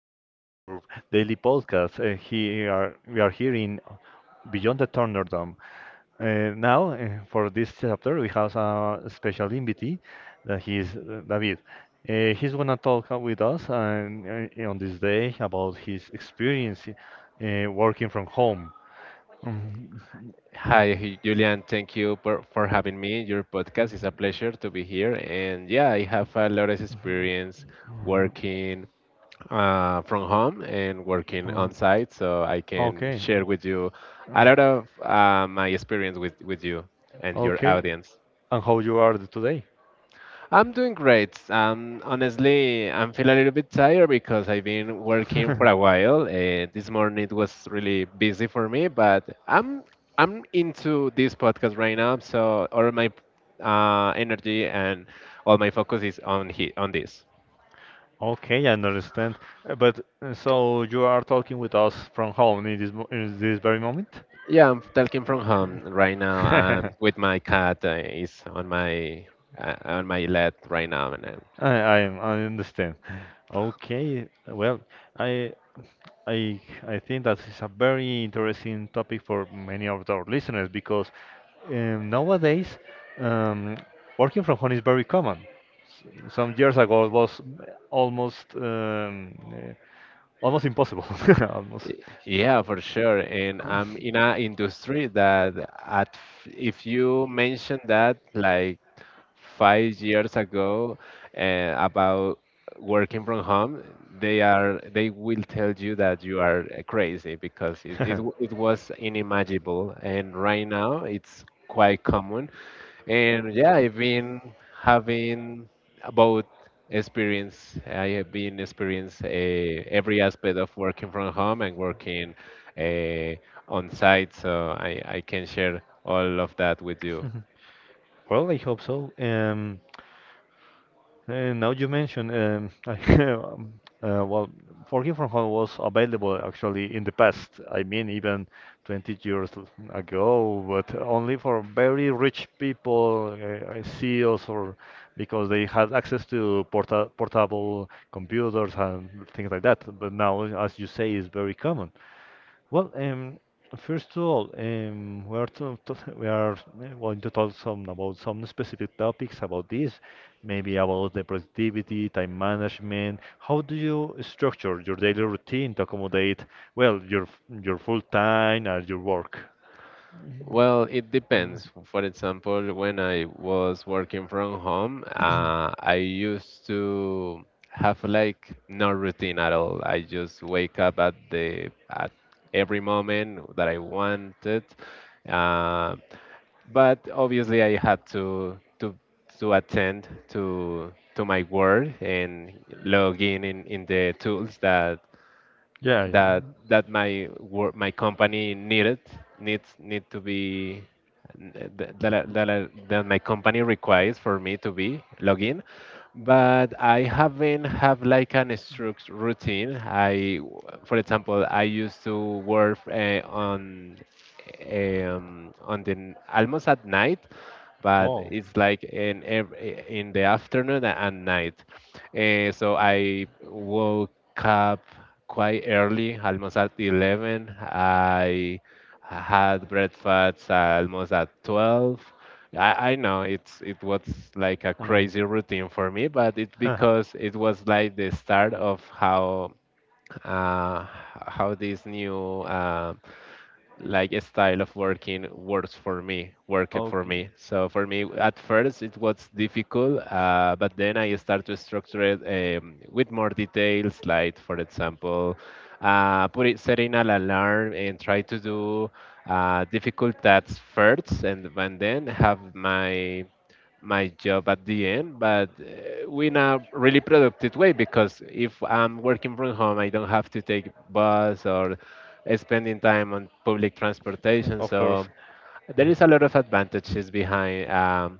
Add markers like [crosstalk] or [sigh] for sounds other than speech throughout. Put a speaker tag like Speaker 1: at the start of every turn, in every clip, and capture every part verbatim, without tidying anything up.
Speaker 1: episode of your daily podcast. Uh, here we are here in Beyond the Thunderdome. Uh, now, uh, for this chapter, we have a special invitee. That he is uh, David. Uh, he's gonna talk uh, with us um, uh, on this day about his experience uh, working from home. Mhm.
Speaker 2: Hi, Hu- Julian. Thank you for, for having me. In Your podcast is a pleasure to be here. And yeah, I have a lot of experience working uh, from home and
Speaker 1: Uh,
Speaker 2: working on site, so I can
Speaker 1: okay.
Speaker 2: share with you
Speaker 1: Uh,
Speaker 2: a lot of uh, my experience with, with you and your
Speaker 1: okay.
Speaker 2: audience.
Speaker 1: And how you are today?
Speaker 2: I'm doing great. Um, honestly, I'm feeling a little bit tired because I've been working for a
Speaker 1: [laughs]
Speaker 2: while. Uh, this morning it was really busy for me, but I'm I'm into this podcast right now, so all my uh, energy and all my focus is on he on this.
Speaker 1: Okay, I understand. Uh, But uh, so you are talking with us from home in this mo- in this very moment?
Speaker 2: Yeah, I'm talking from home right now.
Speaker 1: [laughs] I
Speaker 2: Um, with my cat uh, is on my uh, on my lap right now, and I'm
Speaker 1: I I understand. Okay, well, I I I think that is a very interesting topic for many of our listeners because um, nowadays, um, working from home is very common. S- Some years ago it was almost um, uh, almost impossible, [laughs] almost.
Speaker 2: Y- Yeah, for sure. And I'm in a industry that at f- if you mention that, like five years ago uh, about working from home, they are they will tell you that you are uh, crazy because it, it,
Speaker 1: [laughs]
Speaker 2: w-
Speaker 1: [laughs]
Speaker 2: it was unimaginable, and right now it's quite common. And yeah, I've been having about experience. I have been experienced uh, every aspect of working from home and working uh, on site, so I, I can share all of that with you.
Speaker 1: Well, I hope so. Um, And now you mentioned, um, [laughs] I, um, uh, well, working from home was available actually in the past. I mean, even twenty years l- ago, but only for very rich people, uh, uh, C E Os, or because they had access to porta portable computers and things like that. But now, as you say, is very common. Well, um, first of all, um, we are to, to- we are uh, going to talk some about some specific topics about this, maybe about the productivity, time management. How do you structure your daily routine to accommodate, well, your f- your full time and your work?
Speaker 2: Well, it
Speaker 1: Mm,
Speaker 2: depends. For example, when I was working from home, uh, I used to have like no routine at all. I just wake up at the at every moment that I wanted. Uh, but obviously, I had to to to attend to to my work and log in in, in the tools that
Speaker 1: yeah, yeah.
Speaker 2: that that my work my company needed needs need to be that, that, I- that, I- that my company requires for me to be log in, but I haven't have like an strict routine. I, for example, I used to work uh, on um, on the n- almost at night, but
Speaker 1: Oh,
Speaker 2: it's like in ev- in the afternoon and night. Uh, so I woke up quite early, almost at eleven. I had breakfast almost at twelve. I, I know it's it was like a
Speaker 1: mm.
Speaker 2: crazy routine for me, but it's
Speaker 1: [laughs]
Speaker 2: because it was like the start of how uh, how this new uh, like a style of working works for me, worked for
Speaker 1: Okay.
Speaker 2: me. So for me, at first it was difficult, uh, but then I start to structure it, um, with more details, like for example, uh, put it setting an alarm and try to do uh, difficult tasks first, and, and then have my my job at the end, but uh, in a really productive way because if I'm working from home, I don't have to take bus or uh, spending time on public transportation.
Speaker 1: Of
Speaker 2: So
Speaker 1: course.
Speaker 2: there is a
Speaker 1: [laughs]
Speaker 2: lot of advantages behind um,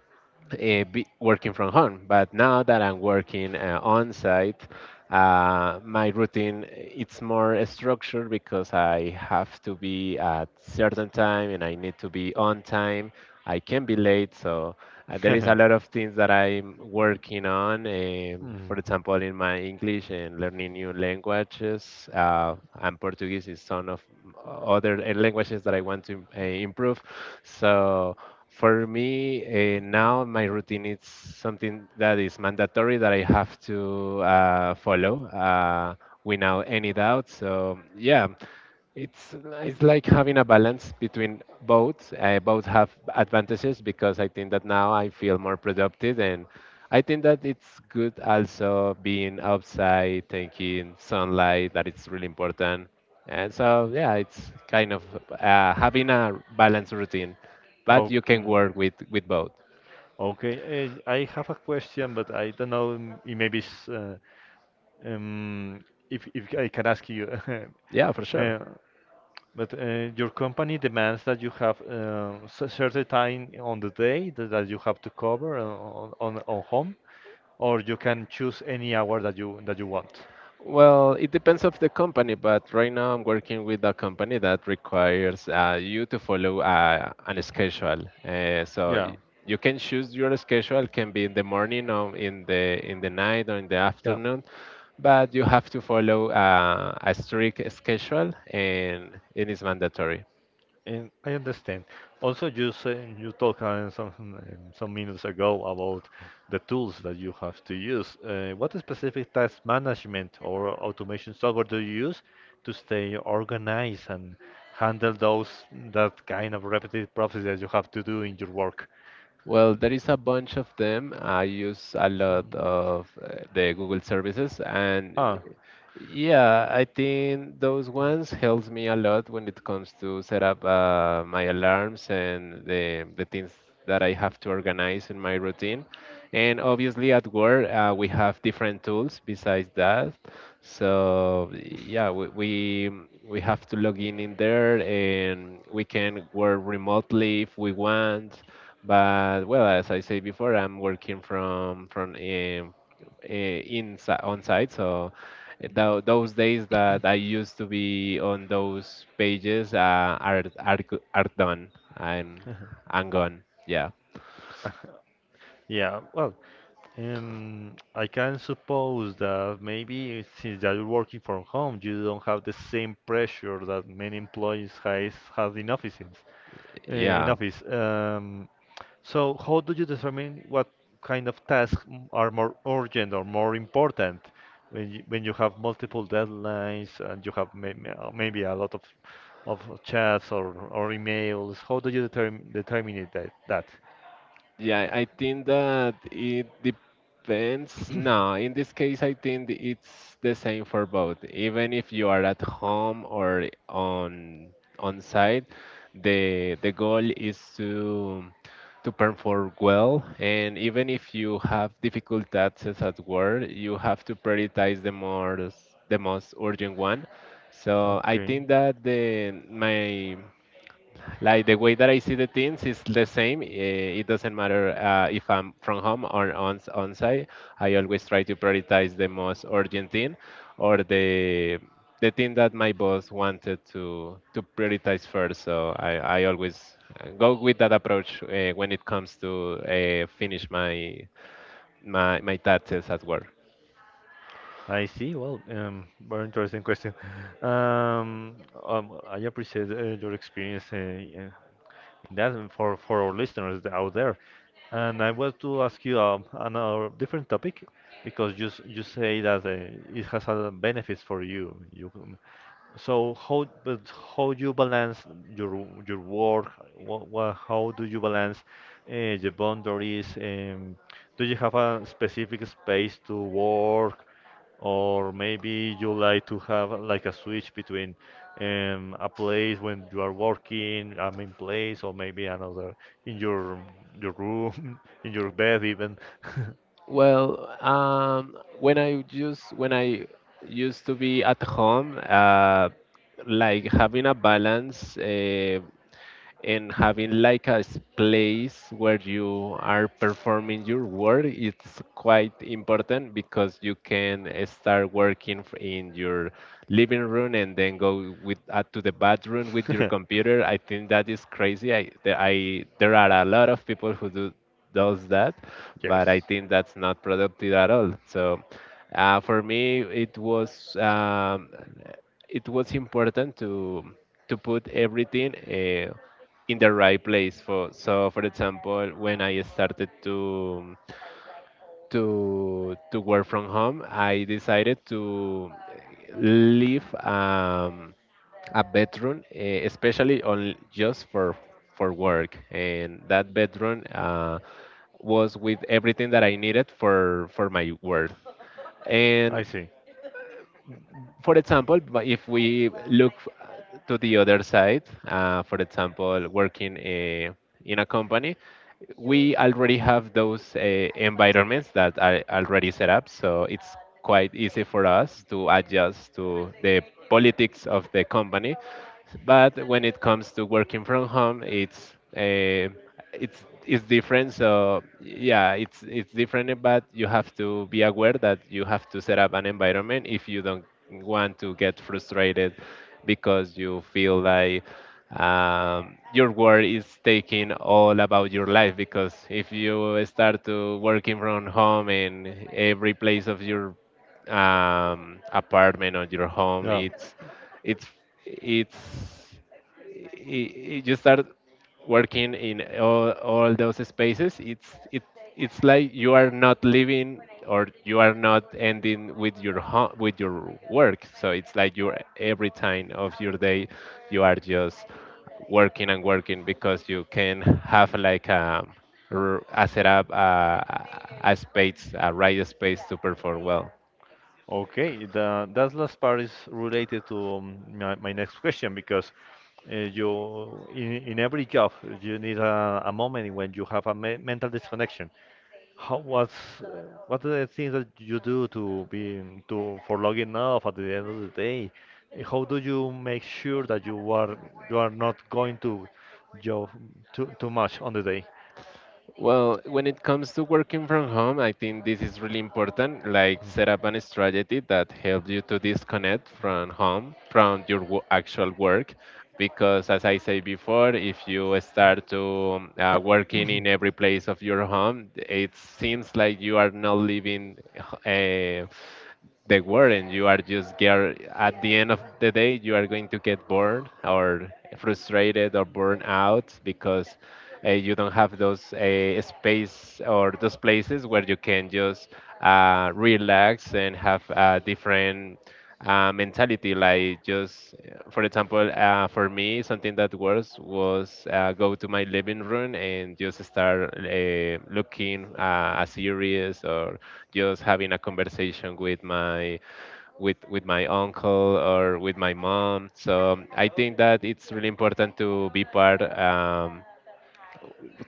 Speaker 2: uh, be working from home. But now that I'm working uh, on site, uh, my routine it's more structured because I have to be at certain time and I need to be on time. I can be late, so uh, there is a lot of things that I'm working on. Um, for
Speaker 1: Mm,
Speaker 2: example, in my English and learning new languages, uh, and Portuguese is one of other uh, languages that I want to uh, improve. So for me, uh, now my routine is something that is mandatory that I have to uh, follow, uh, without any doubt. So, yeah, it's it's like having a balance between both. I both have advantages because I think that now I feel more productive, and I think that it's good also being outside, taking sunlight. That it's really important, and so yeah, it's kind of uh, having a balanced routine, but you can
Speaker 1: okay.
Speaker 2: work with with both.
Speaker 1: Okay, uh, I have a question, but I don't know. um, It maybe it's, uh, um, if if I can ask you,
Speaker 2: Yeah, for
Speaker 1: [laughs]
Speaker 2: sure.
Speaker 1: uh, but uh, your company demands that you have uh, a certain time on the day that, that you have to cover uh, on, on on home, or you can choose any hour that you that you want.
Speaker 2: Well, it depends of the company, but right now I'm working with a company that requires uh, you to follow uh, an schedule. Uh, so
Speaker 1: Yeah,
Speaker 2: y- you can choose your schedule. Can be in the morning or in the in the night or in the
Speaker 1: yeah.
Speaker 2: afternoon, but you have to follow uh, a strict schedule, and it is mandatory.
Speaker 1: And I understand. Also, you say, you talked uh, some um, some minutes ago about the tools that you have to use. Uh, what specific task management or automation software do you use to stay organized and handle those that kind of repetitive process that you have to do in your work?
Speaker 2: Well, there is a bunch of them. I use a lot of uh, the Google services, and
Speaker 1: Ah,
Speaker 2: yeah, I think those ones helps me a lot when it comes to set up uh, my alarms and the the things that I have to organize in my routine. And obviously at work, uh, we have different tools besides that. So yeah, we, we we have to log in in there, and we can work remotely if we want. But well, as I said before, I'm working from from um, uh, inside on site, so th those days that I used to be on those pages uh, are are go- are done. I'm I'm gone. Yeah,
Speaker 1: yeah. Well, um, I can suppose that maybe since that you're working from home, you don't have the same pressure that many employees has have in offices. Uh, in
Speaker 2: yeah.
Speaker 1: office. Um, so how do you determine what kind of tasks m- are more urgent or more important when you, when you have multiple deadlines and you have may, may- uh, maybe a lot of of chats or, or emails? How do you determine determine it that that?
Speaker 2: Yeah, I think that it depends. No, in this case, I think it's the same for both. Even if you are at home or on on site, the the goal is to to perform well. And even if you have difficult tasks at work, you have to prioritize the more the most urgent one. So I
Speaker 1: Okay,
Speaker 2: think that the my like the way that I see the things is the same. Eh, It doesn't matter uh, if I'm from home or on on site. I always try to prioritize the most urgent thing, or the the thing that my boss wanted to to prioritize first. So I I always uh, go with that approach uh, when it comes to uh, finish my my my tasks at work.
Speaker 1: I see. Well, um, very interesting question. Um, um, I appreciate uh, your experience, uh, that for for our listeners out there. And I want to ask you um, another different topic because you s- you say that uh, it has a benefits for you. You um, so how but how you balance your w- your work? What, what how do you balance uh, the boundaries? Um, do you have a specific space to work? Or maybe you like to have like a switch between um, a place when you are working, a main place, or maybe another in your your room, [laughs] in your bed even.
Speaker 2: Well, um, when I just when I used to be at home, uh, like having a balance. Uh, and having like a s- place where you are performing your work it's quite important because you can uh, start working f- in your living room and then go with uh, to the bathroom with your
Speaker 1: [laughs]
Speaker 2: computer. I think that is crazy. I there, I, there are a lot of people who do does that, but I
Speaker 1: Yes,
Speaker 2: think that's not productive at all. So uh, for me it was um, it was important to to put everything Uh, in the right place. For so for example, when I started to to to work from home, I decided to leave, um, a bedroom, eh, especially on just for for work, and that bedroom uh, was with everything that I needed for for my work.
Speaker 1: I
Speaker 2: And
Speaker 1: see.
Speaker 2: for example, but if we look uh, to the other side, uh, for example working eh, in a company, we already have those uh, environments that are already set up, so it's quite easy for us to adjust to the politics of the company. But when it comes to working from home, it's uh, it's it's different. So yeah, it's it's different, but you have to be aware that you have to set up an environment if you don't want to get frustrated because you feel like um, your work is taking all about your life. Because if you start to working from home and every place of your um, apartment or your home
Speaker 1: Yeah.
Speaker 2: it's it's it's I I you start working in all, all those spaces, it's it it's like you are not living or you are not ending with your ho- with your work. So it's like your every time of your day you are just working and working because you can have like a, r- a setup, a, a space, a right space to perform well.
Speaker 1: Okay, the, that last part is related to um, my, my next [laughs] question because uh, you in, in every job you need a, a moment when you have a me mental disconnection. How what's uh, what are the things that you do to be to for logging off at the end of the day? Uh, How do you make sure that you are you are not going to job too too much on the day?
Speaker 2: Well, when it comes to working from home, I think this is really important. Like set up a strategy that helps you to disconnect from home, from your wo- actual work. Because as I said before, if you start to uh, working in every place of your home, it seems like you are not living uh, the word, and you are just get at the end of the day, you are going to get bored or frustrated or burn out because uh, you don't have those uh, space or those places where you can just uh, relax and have a different uh, mentality. Like just, uh, for example, uh, for me, something that works was uh, go to my living room and just start uh, looking uh, a series or just having a conversation with my with with my uncle or with my mom. So I think that it's really important to be part. Um,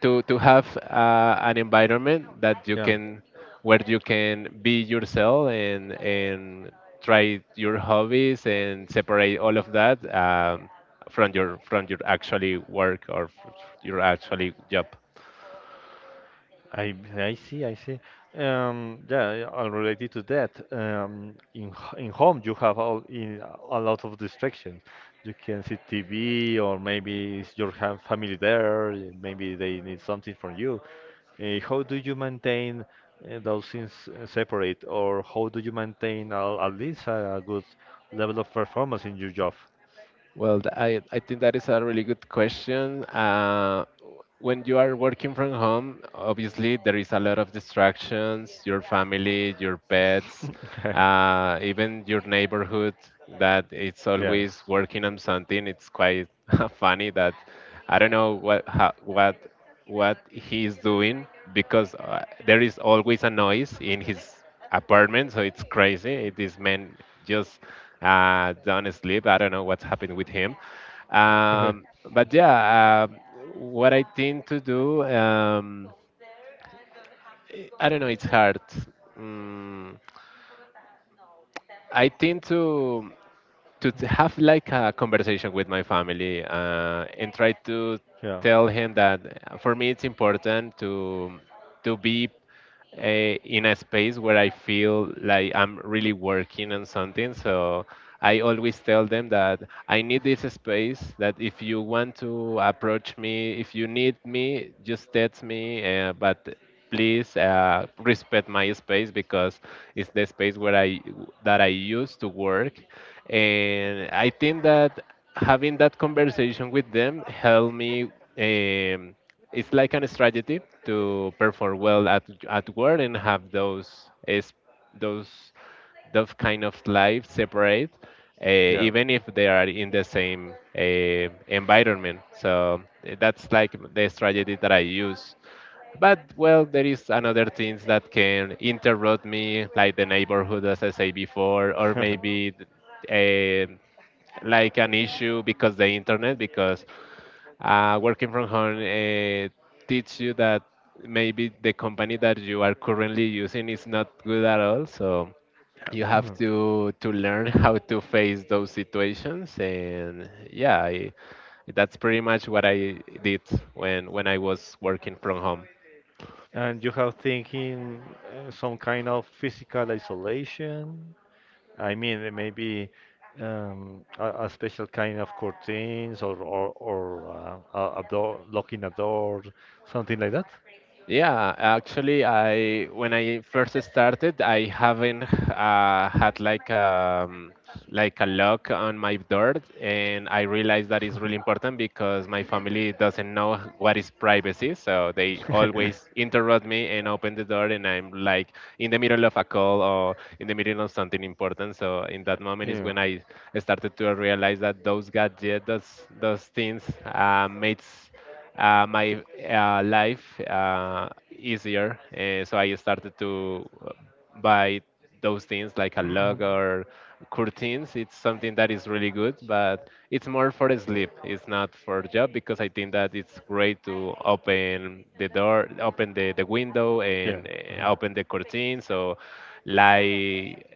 Speaker 2: To to have uh, an environment that you can where you can be yourself and and try your hobbies and separate all of that, um,
Speaker 1: I
Speaker 2: from your from your actually
Speaker 1: I
Speaker 2: work or f- your
Speaker 1: Yeah.
Speaker 2: actually job.
Speaker 1: See, I see. Um, yeah, yeah, uh, related to that, um, in h- in home you have all in a lot of distractions. You can see T V, or maybe it's your ha- family there. Maybe they need something from you. Uh, how do you maintain uh, those things uh, separate, or how do you maintain a, at least a, a good level of performance in your job?
Speaker 2: Well, th- I, I think that is a really good question. Uh, when you are working from home, obviously there is a lot of distractions, your family, your pets,
Speaker 1: [laughs]
Speaker 2: uh, even your neighborhood that it's
Speaker 1: Yes.
Speaker 2: always working on something. It's quite [laughs] funny that I don't know what how, what what he is doing, because uh, there is always a noise in his apartment, so it's crazy. This man just uh, don't sleep. I don't know what's happened with him. Um,
Speaker 1: [laughs]
Speaker 2: but yeah, um what I tend to do, um, I I don't know, it's hard. Mm, I tend to to t- have like a conversation with my family uh, and try to
Speaker 1: Yeah.
Speaker 2: tell him that uh, for me it's important to to be eh, in a space where I feel like I'm really working on something. So I always tell them that I need this space, that if you want to approach me, if you need me, just text me. Uh, but please uh, respect my space because it's the space where I that I used to work, and I think that having that conversation with them helped me. Um, it's like a strategy to perform well at at work and have those is those those kind of life separate, uh, even if they are in the same uh, environment. So eh, that's like the strategy that I use, but well, there is another things that can interrupt me, like the neighborhood, as I say before, or maybe a, like an issue because the internet, because uh, working from home uh, teach you that maybe the company that you are currently using is not good at all. So you have
Speaker 1: Yeah. [laughs] [coughs]
Speaker 2: to to learn [laughs] how to face those situations, and yeah, I, that's pretty much what I did when when I was working from home.
Speaker 1: And you have thinking uh, some kind of physical isolation. I mean, uh, maybe um, a, a special kind of curtains or or, or uh, a, a door, locking a door, something like that.
Speaker 2: Yeah, actually, I when I first started, I haven't uh, had like um, like a lock on my door, and I realized that is really important because my family doesn't know what is privacy, so they always interrupt me and open the door, and I'm like in the middle of a call or in the middle of something
Speaker 1: [laughs] [laughs]
Speaker 2: important. So in that moment is
Speaker 1: Yeah.
Speaker 2: when
Speaker 1: [clears throat]
Speaker 2: I started to realize that those gadgets, those those things, uh, makes uh, my uh, life uh, easier. Uh, so I started to uh, buy those things like a log
Speaker 1: Mhm.
Speaker 2: or curtains. It's something that is really good, but it's more for sleep. It's not for job because I think that it's great to open the door, open the, the window,
Speaker 1: Yeah.
Speaker 2: and uh,
Speaker 1: Uh-huh.
Speaker 2: open the curtain. So like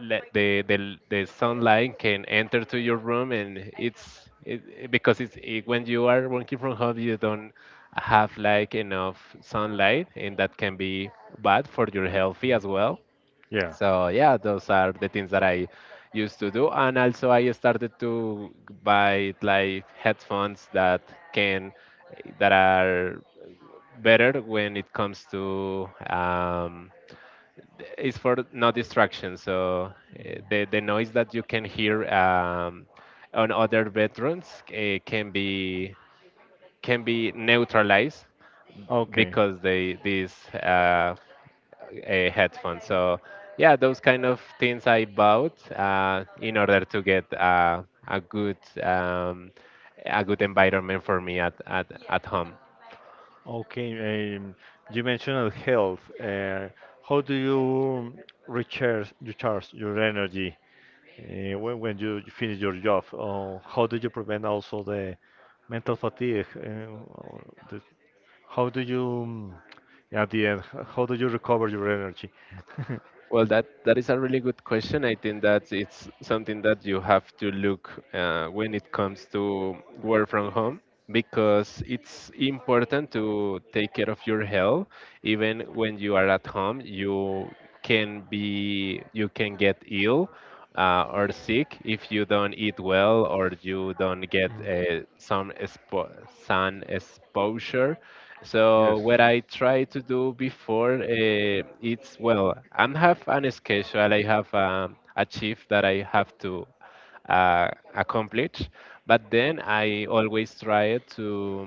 Speaker 2: let the, the the sunlight can enter to your room, and it's it, it- because it's it, when you are working from home you don't have like enough sunlight, and that can be bad for your healthy
Speaker 1: Mhm.
Speaker 2: as well.
Speaker 1: Yeah.
Speaker 2: So yeah, those are the things that I used to do, and also I started to buy like headphones that can that are better when it comes to um, it's for no distraction. So eh, the the noise that you can hear um, on other bedrooms uh, can be can be neutralized
Speaker 1: Mhm. Okay.
Speaker 2: because they these uh, uh, headphones. So yeah, those kind of things I bought uh, in order to get uh, a good um, a good environment for me at at, at home.
Speaker 1: Okay, um, you mentioned health. Uh, how do you recharge, recharge your energy uh, when, when you finish your job? Or how do you prevent also the mental fatigue? Uh, or the, how do you, um, at the end, h- how do you recover your energy? [laughs]
Speaker 2: Well, that that is a really good question. I think that it's something that you have to look uh, when it comes to work from home because it's important to take care of your health. Even when you are at home, you can be you can get ill uh, or sick if you don't eat well or you don't get
Speaker 1: Mm,
Speaker 2: uh, some expo- sun exposure. So
Speaker 1: yes.
Speaker 2: what I try to do before uh, it's, well, I am have an schedule, I have um, a shift that I have to uh, accomplish, but then I always try to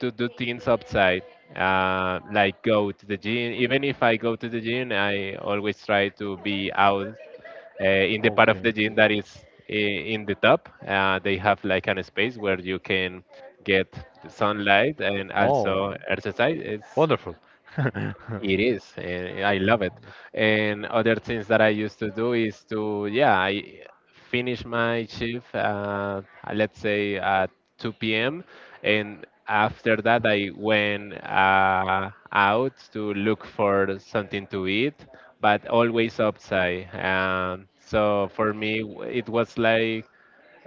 Speaker 2: to do things outside, uh, like go to the gym. Even if I go to the gym, I always try to be out uh, in the part of the
Speaker 1: Okay.
Speaker 2: gym that is i- in the top. Uh, they have like an space where you can get the sunlight and
Speaker 1: Oh,
Speaker 2: also exercise. It's
Speaker 1: wonderful. [laughs]
Speaker 2: it is, and I love it. And other things that I used to do is to, yeah, I finish my shift, uh, let's say at two p m. And after that, I went uh, out to look for something to eat, but always outside. Um, so for me, w- it was like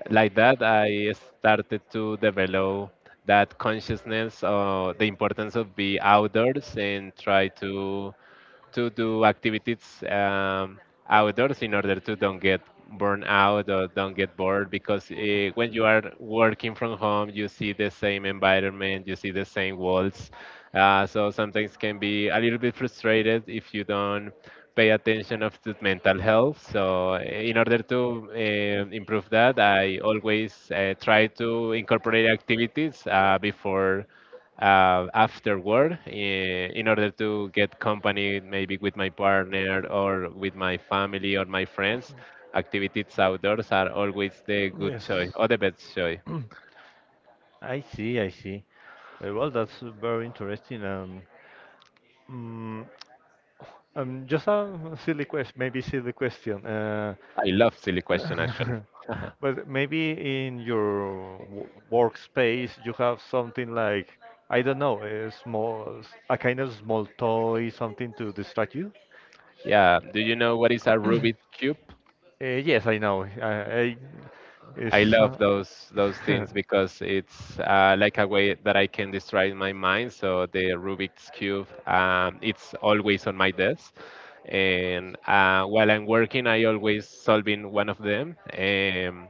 Speaker 2: like that I started to develop that consciousness of the importance of be outdoors and try to to do activities um, outdoors in order to don't get burned out or don't get bored because uh, when you are working from home, you see the same environment, you see the same walls, uh, so sometimes can be a little bit frustrated if you don't pay attention of to mental health. So eh, in order to uh, improve that, I always uh, try to incorporate activities uh, before uh, afterward, in, in order to get company maybe with my partner or with my family or my friends. Activities outdoors are always the good
Speaker 1: Yes.
Speaker 2: choice or the best choice.
Speaker 1: [clears throat] I see, I see. Uh, Well, that's very interesting. Um, Mm, um, just a silly question, maybe silly question. Uh,
Speaker 2: I love silly question actually.
Speaker 1: Well, [laughs]
Speaker 2: [laughs]
Speaker 1: but maybe in your w- workspace you have something like, I don't know, a small, a kind of small toy, something to distract you?
Speaker 2: Yeah, do you know what is a Rubik's cube?
Speaker 1: Uh, yes, I know. I, I Is
Speaker 2: I love
Speaker 1: uh,
Speaker 2: those those
Speaker 1: [laughs]
Speaker 2: things because it's uh, like a way that I can distract my mind. So the Rubik's cube, um, it's always on my desk, and uh, while I'm working, I always solving one of them. Um,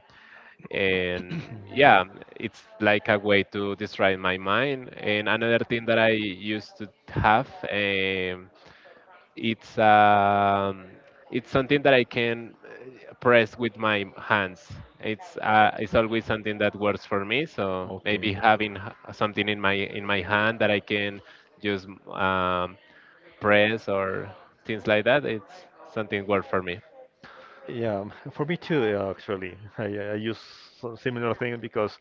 Speaker 2: and yeah, it's like a way to distract my mind. And another thing that I used to have. Um, it's um, it's something that I can uh, press with my hands. It's uh, it's always something that works for me. So
Speaker 1: okay.
Speaker 2: maybe having h- something in my in my hand that I can just um, press or things like that. It's something work for me.
Speaker 1: Yeah, [laughs] for me too, uh, actually. I, I use some similar thing because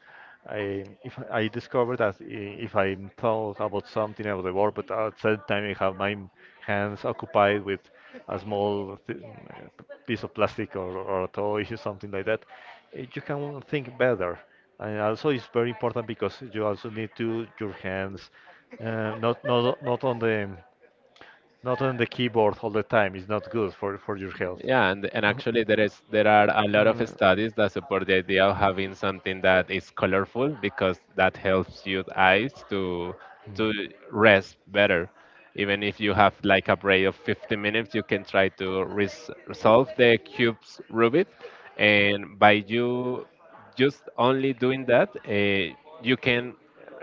Speaker 1: I if I discovered that i- if I thought about something about the work, but at the same time I have my hands occupied with a small th piece of plastic or, or a toy [laughs] or something like that, eh, you can think better. And also, it's very important because you also need to your hands, uh, not not not on the not on the keyboard all the time. It's not good for for your health.
Speaker 2: Yeah, and, and
Speaker 1: [coughs]
Speaker 2: actually there is there are a lot of studies that support the idea of having something that is colorful because that helps your eyes to to rest better. Even if you have like a break of fifty minutes, you can try to res resolve the cube's Rubik, and by you just only doing that, uh, you can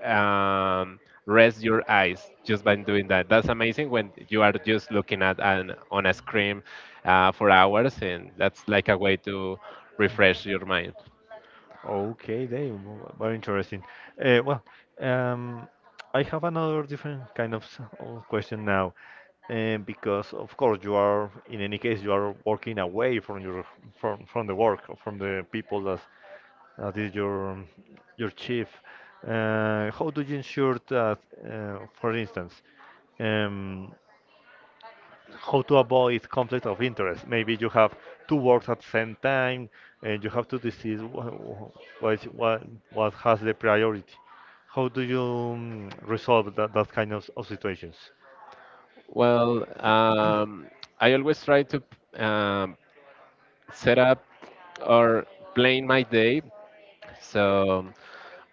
Speaker 2: um, rest your eyes just by doing that. That's amazing when you are just looking at an on a screen uh, for hours, and that's like a way to refresh your mind.
Speaker 1: Okay, they w- very interesting. Uh, well, um, I have another different kind of s- of question now, um, because of course you are, in any case, you are working away from your from from the work, from the people that that is your um, your chief. Uh, how do you ensure that, uh, for instance, um, how to avoid conflict of interest. Maybe you have two works at the same time, and you have to decide wha- what what, what has the priority. How do you um, resolve that, that kind of, of situations?
Speaker 2: Well, um, I always try to um, set up or plan my day. So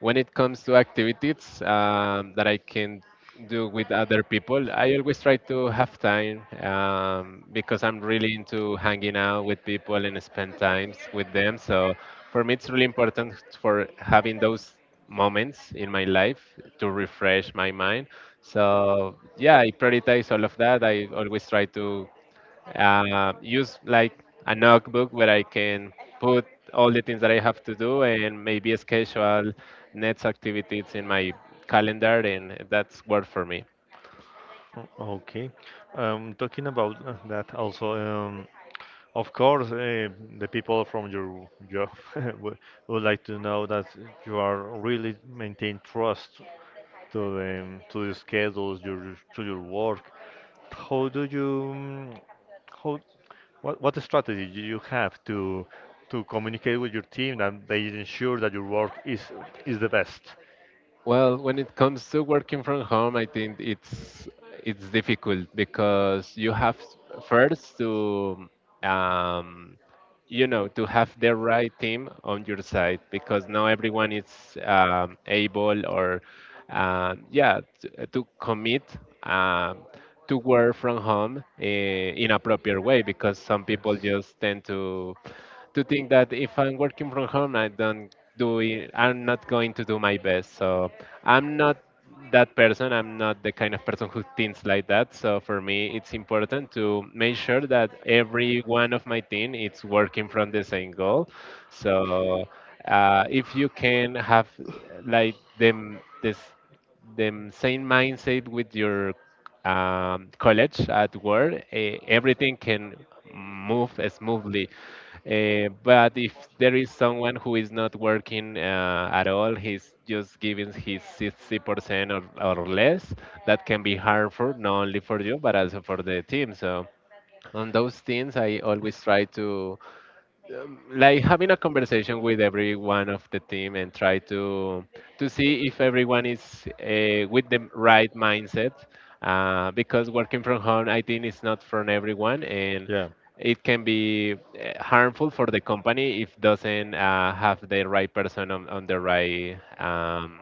Speaker 2: when it comes to activities um, that I can do with other people, I always try to have time um, because I'm really into hanging out with people and spend times with them. So for me, it's really important for having those moments in my life to refresh my mind. So yeah, I prioritize all of that. I always try to uh, use like a notebook where I can put all the things that I have to do and maybe schedule next activities in my calendar, and that's work for me.
Speaker 1: Mm, okay. Um, talking about uh, that also, um, of course, uh, the people from your job [laughs] would, would like to know that you are really maintain trust to the to the schedules, your to your work. How do you, mm, how, what, what strategy do you have to to communicate with your team and they ensure that your work is is the best?
Speaker 2: Well, when it comes to working from home, I think it's it's difficult because you have first to um, you know to have the right team on your side because not everyone is um, able or um, yeah to, to commit um, to work from home uh, in a proper way because some people
Speaker 1: Yes.
Speaker 2: just tend to to think that if I'm working from home, I don't doing I'm not going to do my best. So I'm not that person, I'm not the kind of person who thinks like that. So for me it's important to make sure that every one of my team is working from the same goal. So uh, if you can have like them this the same mindset with your um, college at work, eh, everything can move smoothly. Eh, but if there is someone who is not working uh, at all, he's just giving his sixty percent or, or less, that can be harmful, not only for you, but also for the team. So on those things, I always try to um, like having a conversation with every one of the team and try to to see if everyone is uh, with the right mindset uh, because working from home I think is not for everyone, and
Speaker 1: Yeah,
Speaker 2: it can be uh, harmful for the company if doesn't uh, have the right person on, on the right um,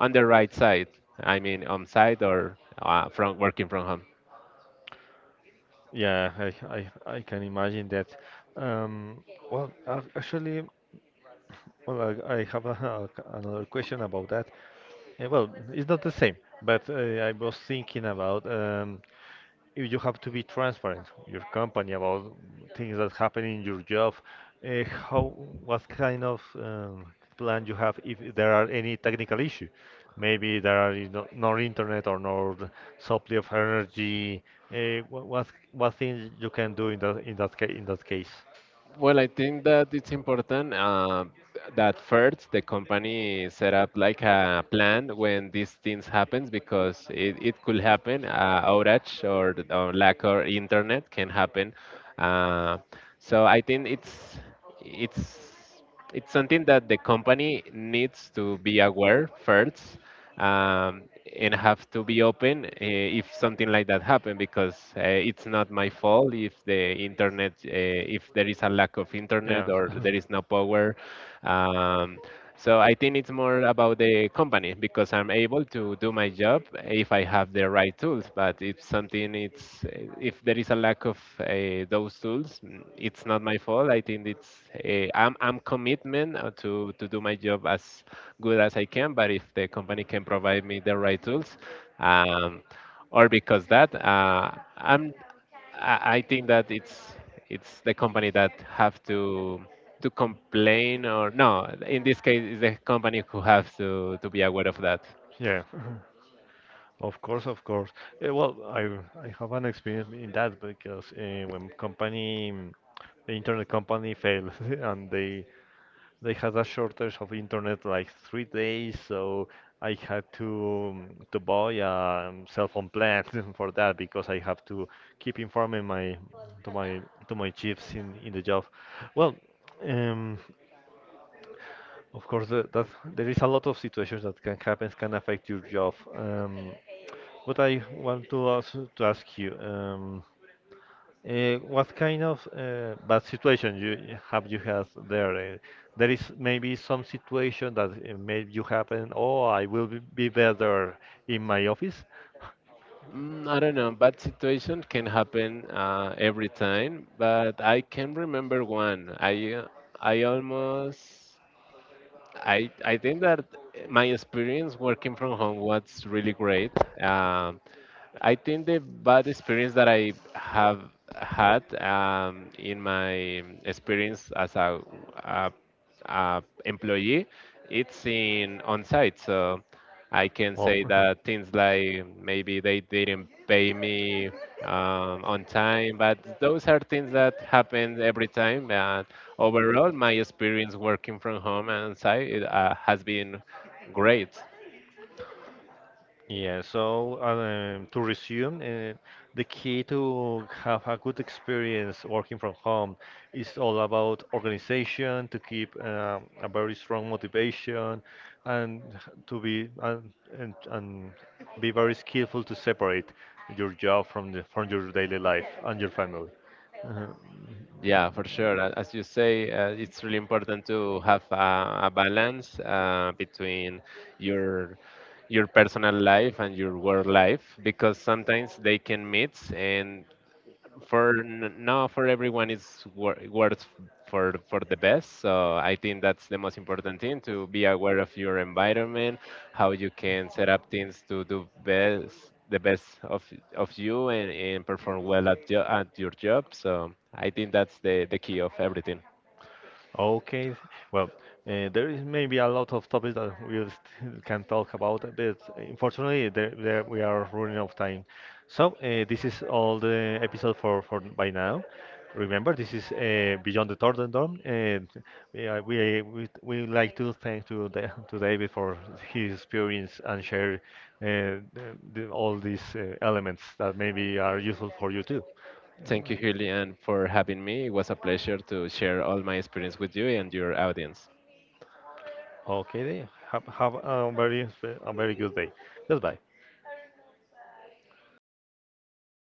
Speaker 2: on the right side. I mean on site or uh, from working from home.
Speaker 1: yeah, I, I, I can imagine that. Um, well, ac- actually, well, I, I have a, a- another question about that. Uh, well, it's not the same, but uh, I was thinking about um, if you have to be transparent your company about things that happen in your job, uh, how what kind of um, plan you have if there are any technical issue, maybe there are you know, no internet or no supply of energy. Uh, what, what what things you can do in that in that ca- in that case?
Speaker 2: Well, I think that it's important um, that first the company set up like a plan when these things happens because it, it could happen uh, outage or, th- or lack of internet can happen. Uh, so I think it's it's it's something that the company needs to be aware first, um, and have to be open uh, if something like that happen because uh, it's not my fault if the internet uh, if there is a lack of internet
Speaker 1: Yeah.
Speaker 2: or there is no power. Um, so I think it's more about the company, because I'm able to do my job if I have the right tools. But if something it's eh, if there is a lack of uh, those tools, mm, it's not my fault. I think it's uh, I'm I'm commitment uh, to to do my job as good as I can. But if the company can provide me the right tools, um, or because that uh, I'm I I think that it's it's the company that have to to complain or no, in this case it's the company who have to, to be aware of that.
Speaker 1: [laughs] Yeah. [laughs] Of course, of course. Eh, well, I I have an experience in that because uh, when company, mm, the internet company failed [laughs] and they they had a shortage of internet like three days, so I had to mm, to buy a um, cell phone plan [laughs] for that because I have to keep informing my to my to my chiefs in in the job. Well, um. Of course, the, that there is a lot of situations that can happen, can affect your job. Um, but I want to ask, to ask you, um, uh, what kind of uh, bad situation you have you had there? Uh, there is maybe some situation that uh, made you happen. Oh, I will be be better in my office. [laughs]
Speaker 2: Mm, I don't know, bad situation can happen uh, every time, but I can remember one. i uh, i almost I I think that my experience working from home was really great. Um, I think the bad experience that I have had um, in my experience as a, a, a employee, it's in on site. So I can
Speaker 1: Oh.
Speaker 2: say that things like maybe they didn't pay me
Speaker 1: [laughs]
Speaker 2: um, on time, but those are things that happen every time. Uh, Overall, my experience working from home and site it, uh, has been great.
Speaker 1: Yeah, so um, to resume, uh, the key to have a good experience working from home is all about organization, to keep um, a very strong motivation, and to be and, and, and be very skillful to separate your job from the, from your daily life and your family. Uh-huh.
Speaker 2: Yeah, for sure. A- As you say, uh, it's really important to have a, a balance uh, between your your personal life and your work life because sometimes they can meet, and for n- no for everyone it's wor- works for for the best. So I think that's the most important thing, to be aware of your environment, how you can set up things to do best the best of of you, and, and perform well at, jo- at your job. So I think that's the the key of everything.
Speaker 1: Okay. Well, uh, there is maybe a lot of topics that we still [laughs] can talk about, but unfortunately, there, there we are running out of time. So uh, this is all the episode for, for by now. Remember, this is uh, Beyond the Third Dome, and we are- we we we would like to thank to the to David for his experience and share uh, the, the, all these uh, elements that maybe are useful for you too.
Speaker 2: Thank you, Julian, for having me. It was a pleasure to share all my experience with you and your audience.
Speaker 1: Okay, then. have have a very a very good day. Goodbye.